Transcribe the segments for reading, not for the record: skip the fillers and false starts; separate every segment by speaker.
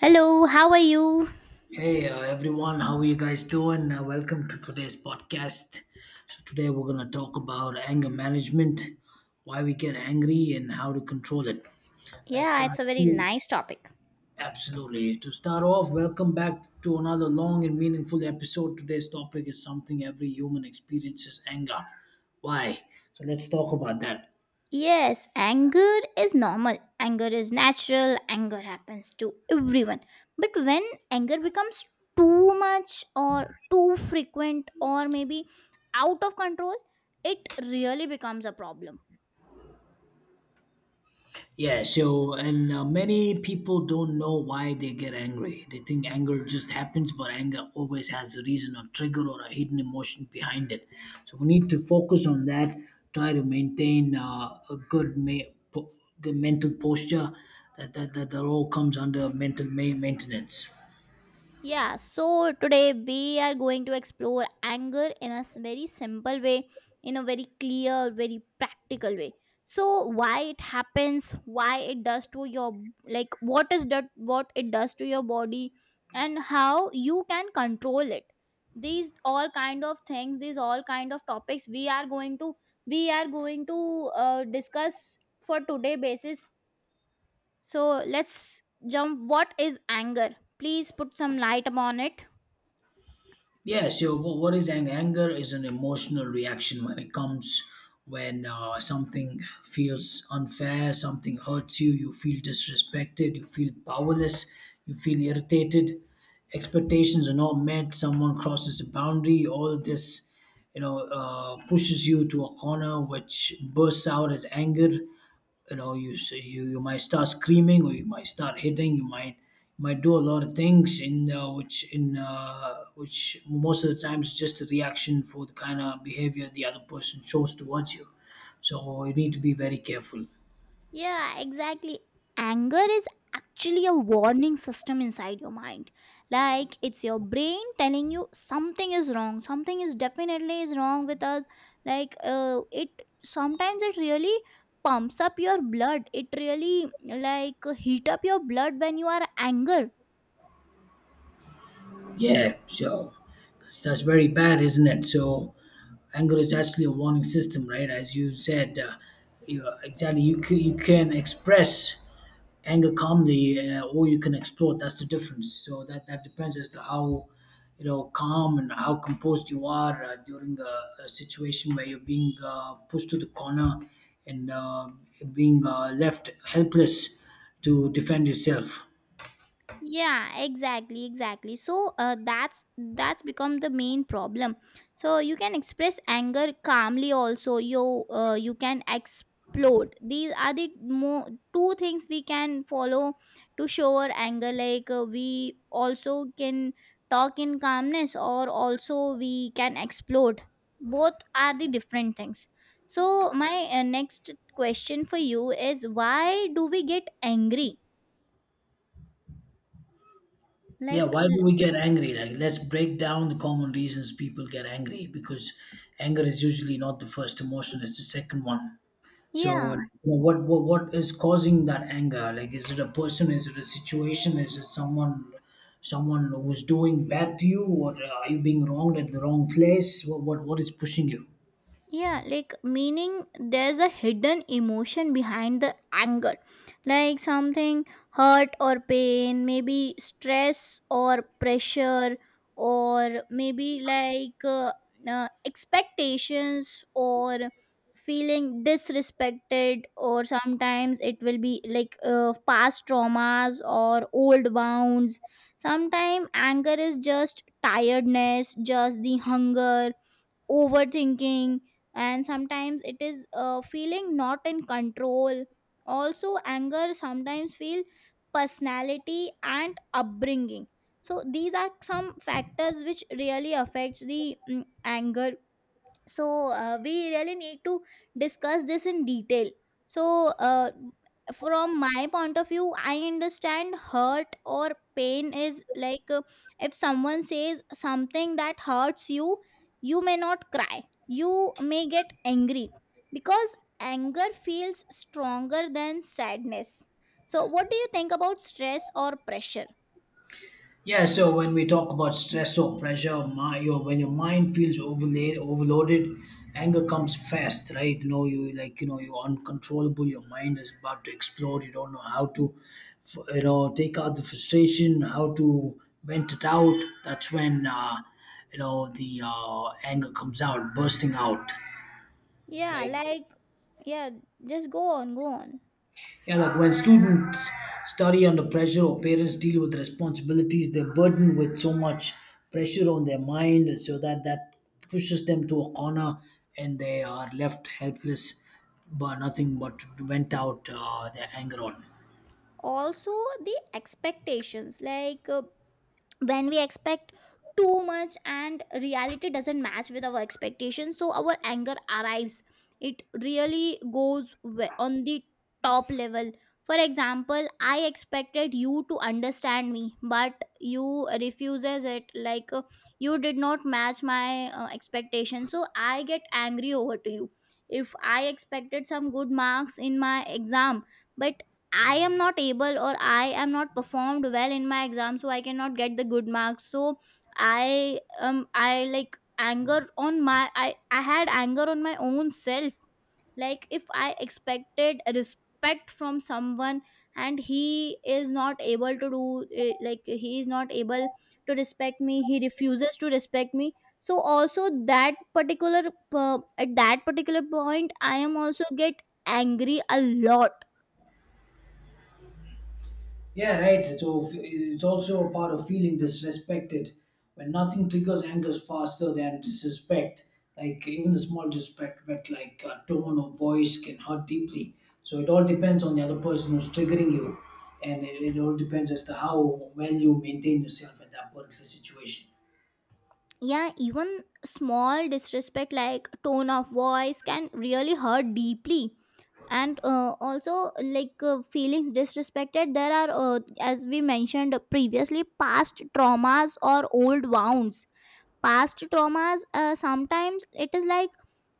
Speaker 1: Hello, how are you?
Speaker 2: Hey everyone, how are you guys doing? Welcome to today's podcast. So today we're gonna talk about anger management, why we get angry, and how to control it. Like,
Speaker 1: Yeah,
Speaker 2: uh,
Speaker 1: it's a very
Speaker 2: to-
Speaker 1: nice topic.
Speaker 2: Absolutely. To start off, welcome back to another long and meaningful episode. Today's topic is something every human experiences: anger. Why? So let's talk about that.
Speaker 1: Yes, anger is normal. Anger is natural. Anger happens to everyone. But when anger becomes too much or too frequent or maybe out of control, it really becomes a problem.
Speaker 2: Yeah, so and many people don't know why they get angry. They think anger just happens, but anger always has a reason, a trigger, or a hidden emotion behind it. So we need to focus on that. Try to maintain a good, good mental posture. That all comes under mental maintenance.
Speaker 1: Yeah, so today we are going to explore anger in very simple way, in a very clear, very practical way. So why it happens, why it does to your like what is that what it does to your body and how you can control it. These all kind of things, these all kind of topics we are going to discuss for today basis. So let's jump, what is anger? Please put some light upon it.
Speaker 2: Yeah, so what is anger? Anger is an emotional reaction when it comes when something feels unfair, something hurts you, you feel disrespected, you feel powerless, you feel irritated, expectations are not met, someone crosses a boundary, all this, you know, pushes you to a corner which bursts out as anger. You know you you might start screaming, or you might start hitting. You might, you might do a lot of things in which most of the times is just a reaction for the kind of behavior the other person shows towards you, so you need to be very careful.
Speaker 1: Yeah, exactly. Anger is actually a warning system inside your mind. Like, it's your brain telling you something is wrong. Something is definitely is wrong with us. Like it sometimes it really pumps up your blood. It really like heat up your blood when you are anger.
Speaker 2: Yeah, so that's very bad, isn't it? So anger is actually a warning system, right? As you said, you, exactly. You can express anger calmly, or you can explode. That's the difference. So that depends as to how, you know, calm and how composed you are during a situation where you're being pushed to the corner and being left helpless to defend yourself.
Speaker 1: Yeah, exactly, so that's become the main problem. So you can express anger calmly, also you you can explode. These are the more two things we can follow to show our anger. Like we also can talk in calmness or also we can explode. Both are the different things. So my next question for you is, why do we get angry?
Speaker 2: Yeah,
Speaker 1: like
Speaker 2: why do
Speaker 1: l-
Speaker 2: we get angry? Like, let's break down the common reasons people get angry, because anger is usually not the first emotion, it's the second one. So, like,
Speaker 1: yeah,
Speaker 2: you know, what is causing that anger? Like, is it a person? Is it a situation? Is it someone who's doing bad to you, or are you being wronged at the wrong place? What is pushing you?
Speaker 1: yeah, like meaning there's a hidden emotion behind the anger, like something hurt or pain, maybe stress or pressure, or maybe expectations or feeling disrespected, or sometimes it will be past traumas or old wounds. Sometimes anger is just tiredness, just the hunger, overthinking, and sometimes it is feeling not in control. Also anger sometimes feel personality and upbringing. So these are some factors which really affects the anger. So we really need to discuss this in detail. So from my point of view, I understand hurt or pain is if someone says something that hurts you, you may not cry, you may get angry, because anger feels stronger than sadness. So what do you think about stress or pressure?
Speaker 2: Yeah, so when we talk about stress or pressure, my, your when your mind feels overloaded, anger comes fast, right? You know, you know you're uncontrollable. Your mind is about to explode. You don't know how to, you know, take out the frustration, how to vent it out. That's when you know the anger comes out, bursting out.
Speaker 1: Yeah,
Speaker 2: Like
Speaker 1: like, yeah, just go on, go on.
Speaker 2: Yeah, like when students study under pressure or parents deal with responsibilities, they're burdened with so much pressure on their mind, so that pushes them to a corner and they are left helpless, but nothing but vent out their anger on.
Speaker 1: Also the expectations, when we expect too much and reality doesn't match with our expectations, so our anger arrives. It really goes on the top level. For example, I expected you to understand me, but you refuses it. You did not match my expectations, so I get angry over to you. If I expected some good marks in my exam, but I am not able or I am not performed well in my exam, so I cannot get the good marks. So I anger on my I had anger on my own self. Like, if I expected respect from someone, and he is not able to do, like he is not able to respect me, he refuses to respect me. So also that particular at that particular point, I am also get angry a lot.
Speaker 2: Yeah, right. So it's also a part of feeling disrespected, when nothing triggers anger faster than disrespect. Like even the small disrespect, but like a tone or voice can hurt deeply. So it all depends on the other person who's triggering you, and it all depends as to how well you maintain yourself at that particular situation.
Speaker 1: Yeah, even small disrespect like tone of voice can really hurt deeply. And also feelings disrespected, there are as we mentioned previously, past traumas or old wounds. Past traumas sometimes it is like,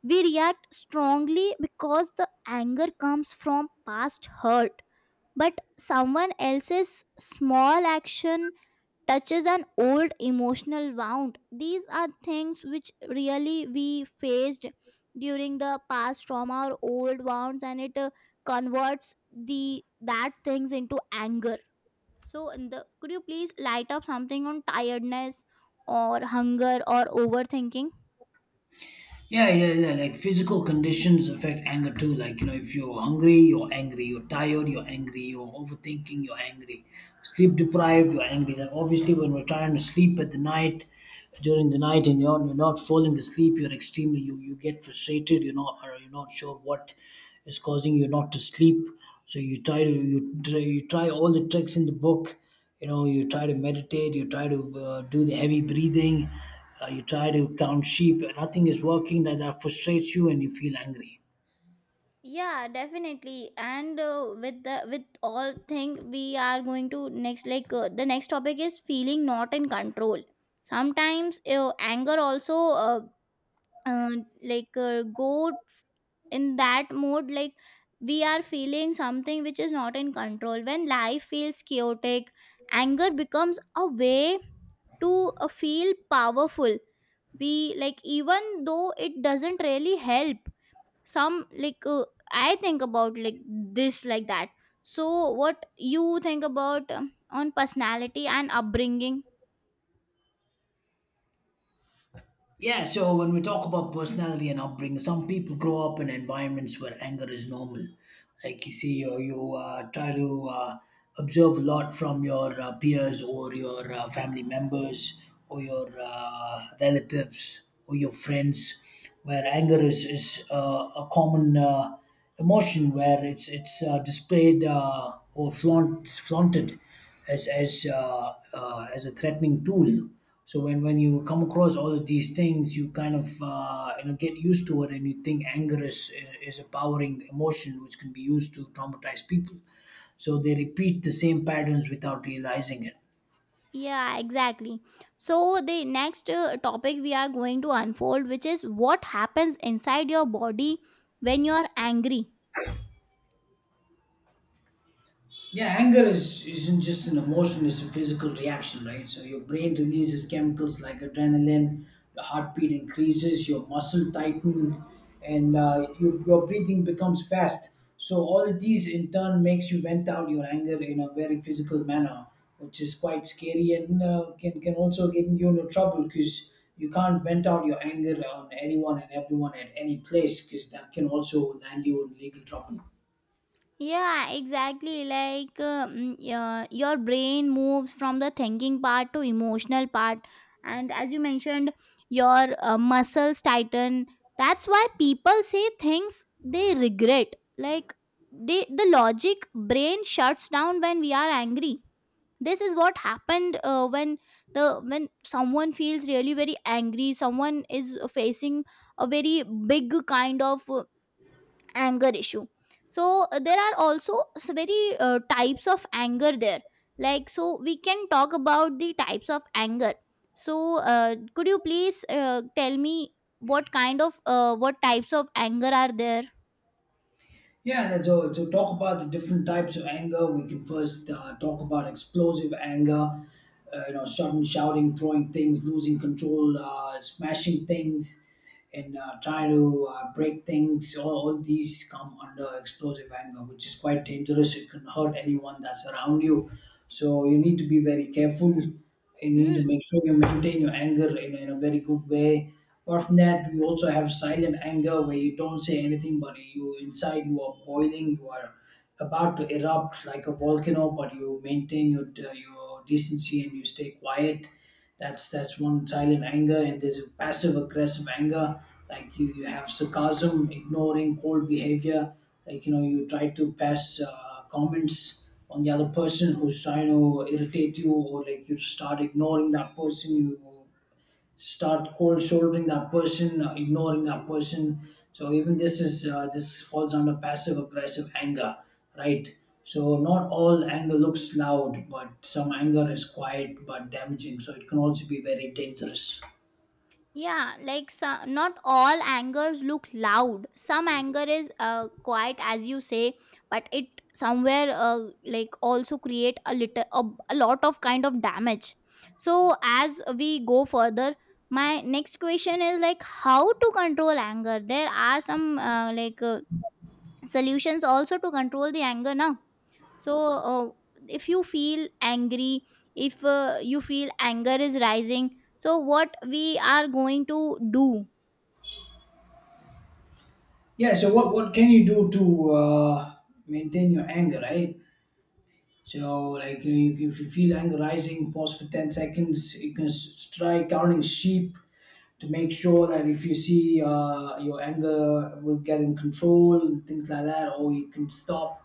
Speaker 1: we react strongly because the anger comes from past hurt, but someone else's small action touches an old emotional wound. These are things which really we faced during the past trauma or old wounds, and it converts the that things into anger. So, could you please light up something on tiredness or hunger or overthinking?
Speaker 2: Yeah, yeah, yeah. Like physical conditions affect anger too. Like, you know, if you're hungry, you're angry. You're tired, you're angry. You're overthinking, you're angry. Sleep deprived, you're angry. Like, obviously, when we're trying to sleep at during the night, and you're not falling asleep, you're extremely, you get frustrated. You're not sure what is causing you not to sleep. So you try to, you try all the tricks in the book. You know, you try to meditate, you try to do the heavy breathing, you try to count sheep. Nothing is working. That frustrates you and you feel angry.
Speaker 1: Yeah, definitely. And with the with all thing, we are going to next, the next topic is feeling not in control. Sometimes anger also uh, go in that mode, like, we are feeling something which is not in control. When life feels chaotic, anger becomes a way to feel powerful. We like, even though it doesn't really help. Some I think about like this, like that. So what you think about on personality and upbringing?
Speaker 2: Yeah, so when we talk about personality and upbringing, some people grow up in environments where anger is normal. Like you see, you try to observe a lot from your peers or your family members or your relatives or your friends, where anger is a common emotion where it's flaunted as as a threatening tool. So when you come across all of these things, you kind of you know, get used to it, and you think anger is a powering emotion which can be used to traumatize people. So they repeat the same patterns without realizing it.
Speaker 1: Yeah, exactly. So the next topic we are going to unfold, which is, what happens inside your body when you are angry?
Speaker 2: Yeah, anger is isn't just an emotion; it's a physical reaction, right? So your brain releases chemicals like adrenaline, your heartbeat increases, your muscle tighten, and your breathing becomes fast. So all of these in turn makes you vent out your anger in a very physical manner, which is quite scary and can also get you into trouble, because you can't vent out your anger on anyone and everyone at any place, because that can also land you in legal trouble.
Speaker 1: Yeah, exactly. Yeah, your brain moves from the thinking part to emotional part, and as you mentioned, your muscles tighten. That's why people say things they regret. Like the logic brain shuts down when we are angry. This is what happened when the when someone feels really very angry, someone is facing a very big kind of anger issue. So there are also s- very types of anger there. Like, so we can talk about the types of anger. So could you please tell me what kind of what types of anger are there?
Speaker 2: Yeah, and so to talk about the different types of anger, we can first talk about explosive anger, you know, sudden shouting, throwing things, losing control, smashing things and try to break things. All these come under explosive anger, which is quite dangerous. It can hurt anyone that's around you. So you need to be very careful. You need to
Speaker 1: Hmm?
Speaker 2: make sure you maintain your anger in a very good way. Apart from that, we also have silent anger where you don't say anything, but you inside you are boiling. You are about to erupt like a volcano, but you maintain your decency and you stay quiet. That's one silent anger, and there's a passive aggressive anger. Like you have sarcasm, ignoring, cold behavior. Like you know, you try to pass comments on the other person who's trying to irritate you, or like you start ignoring that person. You start cold shouldering that person, ignoring that person. So even this is this falls under passive aggressive anger, right? So not all anger looks loud, but some anger is quiet but damaging. So it can also be very dangerous.
Speaker 1: Yeah, like, so not all angers look loud. Some anger is quiet, as you say, but it somewhere like also create a lot of kind of damage. So as we go further, my next question is, like, how to control anger? There are some solutions also to control the anger now. So uh, if you feel angry, if you feel anger is rising, so what we are going to do?
Speaker 2: Yeah. So what can you do to maintain your anger, right? So like if you feel anger rising, pause for 10 seconds. You can try counting sheep to make sure that if you see your anger will get in control, things like that, or you can stop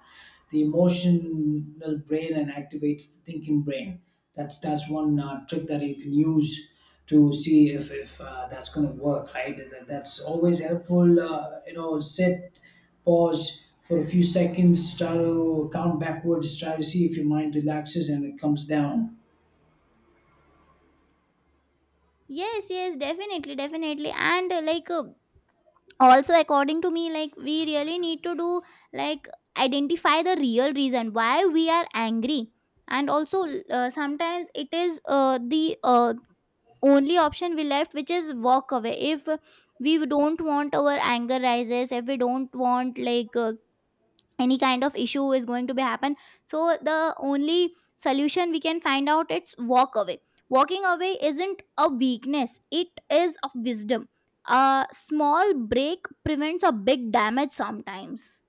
Speaker 2: the emotional brain and activates the thinking brain. That's one trick that you can use to see if that's going to work, right? That's always helpful. You know, sit, pause for a few seconds, try to count backwards, try to see if your mind relaxes and it comes down.
Speaker 1: Yes, yes, definitely, and also according to me, like, we really need to do, like, identify the real reason why we are angry. And also sometimes it is the only option we left, which is walk away. If we don't want our anger rises, if we don't want any kind of issue is going to be happen, so the only solution we can find out, it's walk away. Walking away isn't a weakness, it is a wisdom. A small break prevents a big damage sometimes.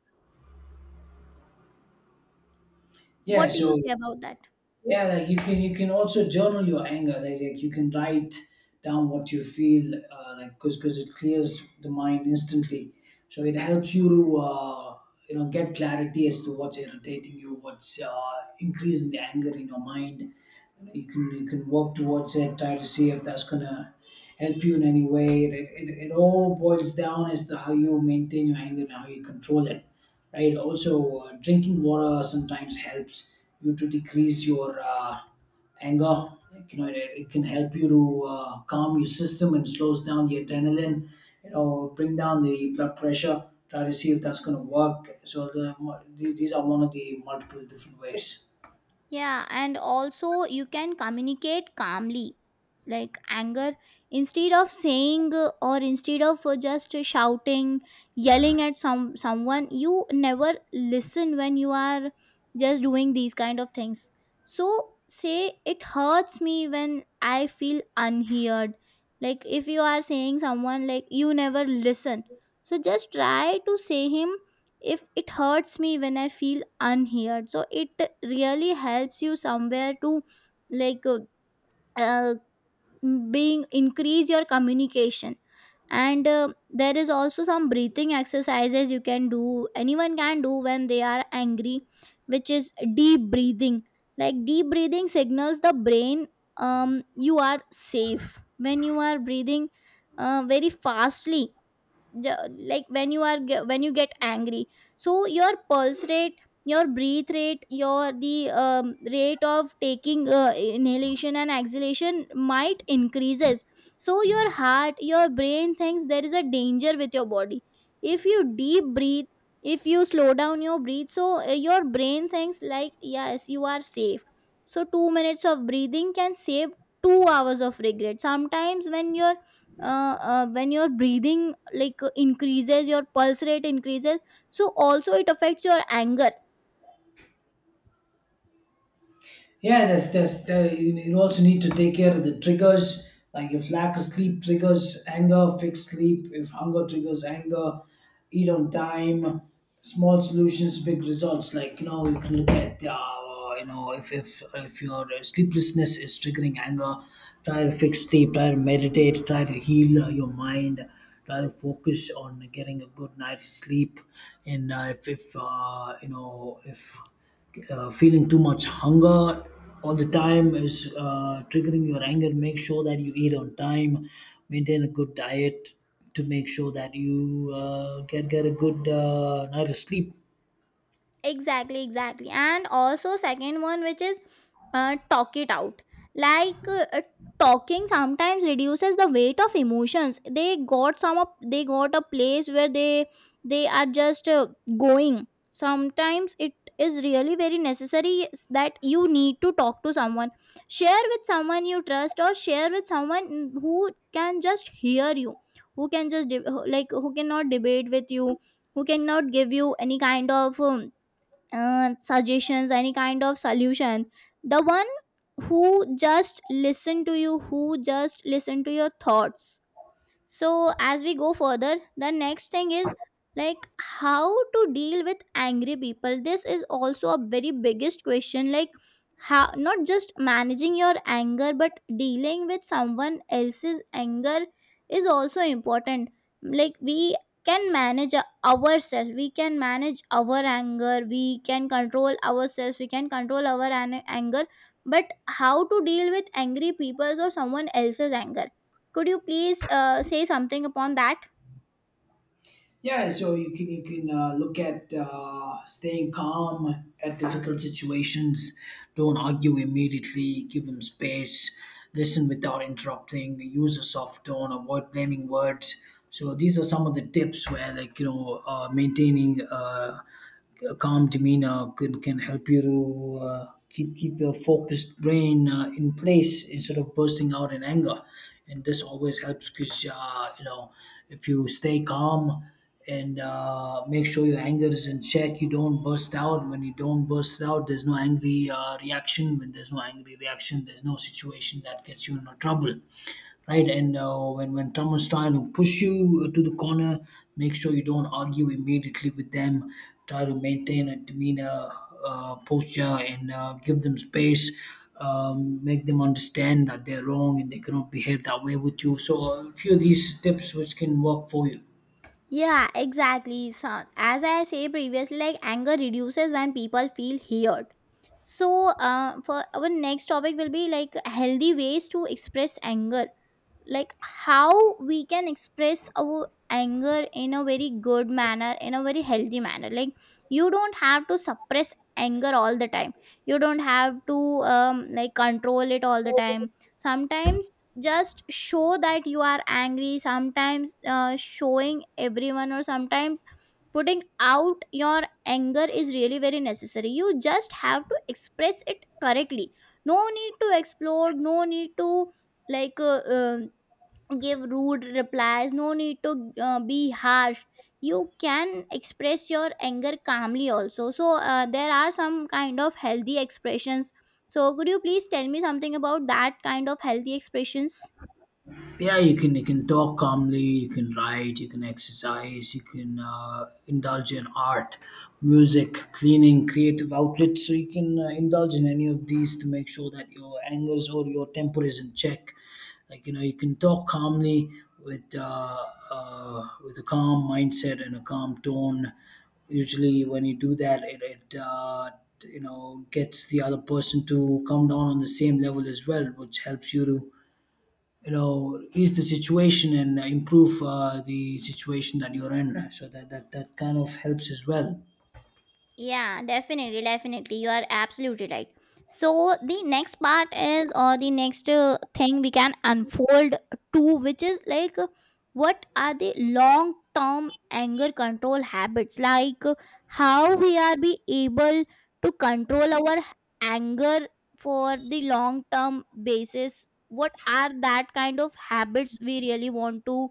Speaker 2: Yeah,
Speaker 1: What do you
Speaker 2: so
Speaker 1: say about that?
Speaker 2: yeah, like you can, you can also journal your anger, like you can write down what you feel because it clears the mind instantly, so it helps you to you know, get clarity as to what's irritating you, what's increasing the anger in your mind. You can, you can work towards it, try to see if that's gonna help you in any way. It all boils down as to how you maintain your anger and how you control it, right? Also, drinking water sometimes helps you to decrease your anger. Like, you know, it can help you to calm your system and slows down the adrenaline. You know, bring down the blood pressure. Try to see if that's going to work. So these are one of the multiple different ways.
Speaker 1: Yeah, and also you can communicate calmly, like anger, instead of saying or instead of just shouting, yelling at someone. You never listen when you are just doing these kind of things. So say, it hurts me when I feel unheard. Like, if you are saying someone like, you never listen, so just try to say him, if it hurts me when I feel unheard. So it really helps you somewhere to like uh, uh, being increase your communication. And there is also some breathing exercises you can do, anyone can do when they are angry, which is deep breathing. Like, deep breathing signals the brain, um, you are safe. When you are breathing very fastly, when you are when you get angry, so your pulse rate, your breathe rate, your the rate of taking inhalation and exhalation might increases, so your heart, your brain thinks there is a danger with your body. If you deep breathe, if you slow down your breathe, so your brain thinks like, yes, you are safe. So 2 minutes of breathing can save 2 hours of regret sometimes. When your when your breathing increases, your pulse rate increases, so also it affects your anger.
Speaker 2: Yeah, you also need to take care of the triggers. Like if lack of sleep triggers anger, fix sleep. If hunger triggers anger, eat on time. Small solutions, big results. Like you know, you can look at you know, if your sleeplessness is triggering anger, try to fix sleep. Try to meditate. Try to heal your mind. Try to focus on getting a good night's sleep. And if you know, if feeling too much hunger all the time is triggering your anger, make sure that you eat on time, maintain a good diet, to make sure that you get a good night of sleep.
Speaker 1: Exactly, and also second one, which is talk it out. like uh, uh, Talking sometimes reduces the weight of emotions. They got some of, they got a place where they are just going. Sometimes it is really very necessary that you need to talk to someone, share with someone you trust, or share with someone who can just hear you, who can just like who cannot debate with you, who cannot give you any kind of suggestions, any kind of solution, the one who just listen to you, who just listen to your thoughts. So as we go further, the next thing is, like, how to deal with angry people? This is also a very biggest question, like, how not just managing your anger, but dealing with someone else's anger is also important. Like, we can manage ourselves, we can manage our anger, we can control ourselves, we can control our anger. But how to deal with angry people's or someone else's anger? Could you please say something upon that?
Speaker 2: Yeah, so you can look at staying calm at difficult situations. Don't argue immediately. Give them space. Listen without interrupting. Use a soft tone. Avoid blaming words. So these are some of the tips where, like you know, maintaining a calm demeanor can help you to keep your focused brain in place instead of bursting out in anger. And this always helps, because you know, if you stay calm and make sure your anger is in check, you don't burst out. When you don't burst out, there's no angry reaction. When there's no angry reaction, there's no situation that gets you into trouble, right? And when someone's trying to push you to the corner, make sure you don't argue immediately with them. Try to maintain a demeanor, posture, and give them space. Make them understand that they're wrong and they cannot behave that way with you. So, a few of these tips which can work for you.
Speaker 1: Yeah, exactly. So, as I say previously, like, anger reduces when people feel heard. So, for our next topic will be like, healthy ways to express anger. Like, how we can express our anger in a very good manner, in a very healthy manner. Like, you don't have to suppress anger all the time, you don't have to like control it all the time. Sometimes just show that you are angry. Sometimes showing everyone, or sometimes putting out your anger is really very necessary. You just have to express it correctly. No need to explode, no need to like uh, um give rude replies, no need to be harsh. You can express your anger calmly also. So there are some kind of healthy expressions. So could you please tell me something about that kind of healthy expressions?
Speaker 2: Yeah, you can talk calmly, you can write, you can exercise, you can indulge in art, music, cleaning, creative outlets. So you can indulge in any of these to make sure that your angers or your temper is in check. Like you know, you can talk calmly with uh, with a calm mindset and a calm tone. Usually when you do that, it you know, gets the other person to come down on the same level as well, which helps you to, you know, ease the situation and improve the situation that you're in. So that that kind of helps as well.
Speaker 1: Yeah, definitely, You are absolutely right. So the next part is, or the next thing we can unfold to, which is like, what are the long-term anger control habits? How we are be able to control our anger for the long-term basis. What are that kind of habits we really want to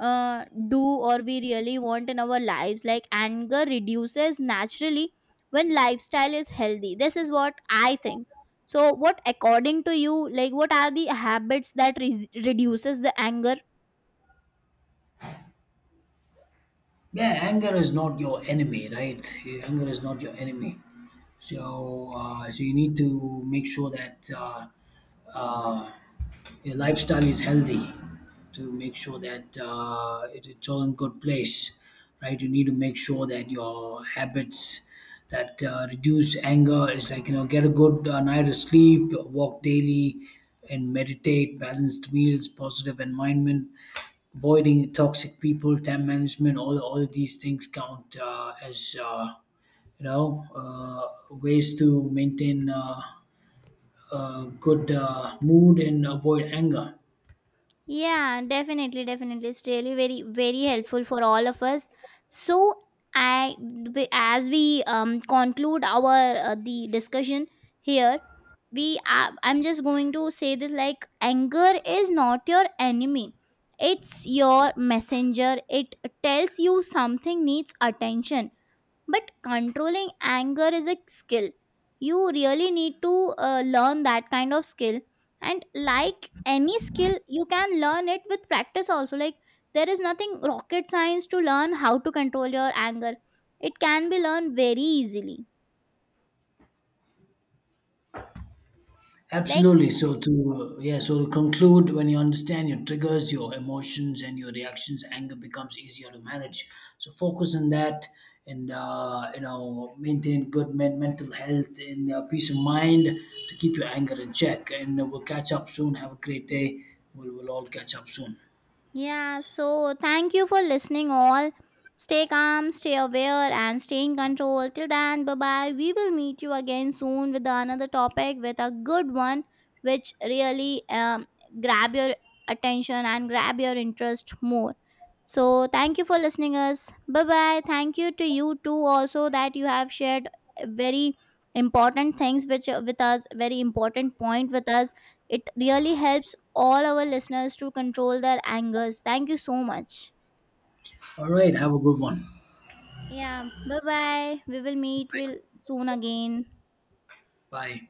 Speaker 1: do, or we really want in our lives. Like, anger reduces naturally when lifestyle is healthy. This is what I think. So what according to you, like, what are the habits that reduces the anger?
Speaker 2: Yeah, anger is not your enemy, right? Yeah, anger is not your enemy. So, you need to make sure that uh, your lifestyle is healthy. To make sure that it's all in good place, right? You need to make sure that your habits that reduce anger is, like you know, get a good night of sleep, walk daily, and meditate. Balanced meals, positive environment, avoiding toxic people, time management. All of these things count as you know, ways to maintain a good mood and avoid anger.
Speaker 1: Yeah, definitely, It's really very, very helpful for all of us. So, I as we conclude our the discussion here, I'm just going to say this, like, anger is not your enemy, it's your messenger. It tells you something needs attention, but controlling anger is a skill. You really need to learn that kind of skill. And like any skill, you can learn it with practice also. Like, there is nothing rocket science to learn how to control your anger. It can be learned very easily. Like,
Speaker 2: Absolutely. So to conclude, when you understand your triggers, your emotions, and your reactions, anger becomes easier to manage. So focus on that, and you know, maintain good mental health and peace of mind to keep your anger in check. And we'll catch up soon. Have a great day. We'll all catch up soon.
Speaker 1: yeah, so thank you for listening all. Stay calm, stay aware and stay in control. Till then, bye-bye. We will meet you again soon with another topic, with a good one, which really grab your attention and grab your interest more. So thank you for listening us. Bye-bye. Thank you to you too also, that you have shared very important things which with us, very important point with us. It really helps all our listeners to control their angers. Thank you so much.
Speaker 2: All right. Have a good one.
Speaker 1: Yeah, bye bye. We will meet
Speaker 2: Bye.
Speaker 1: will soon again.
Speaker 2: Bye.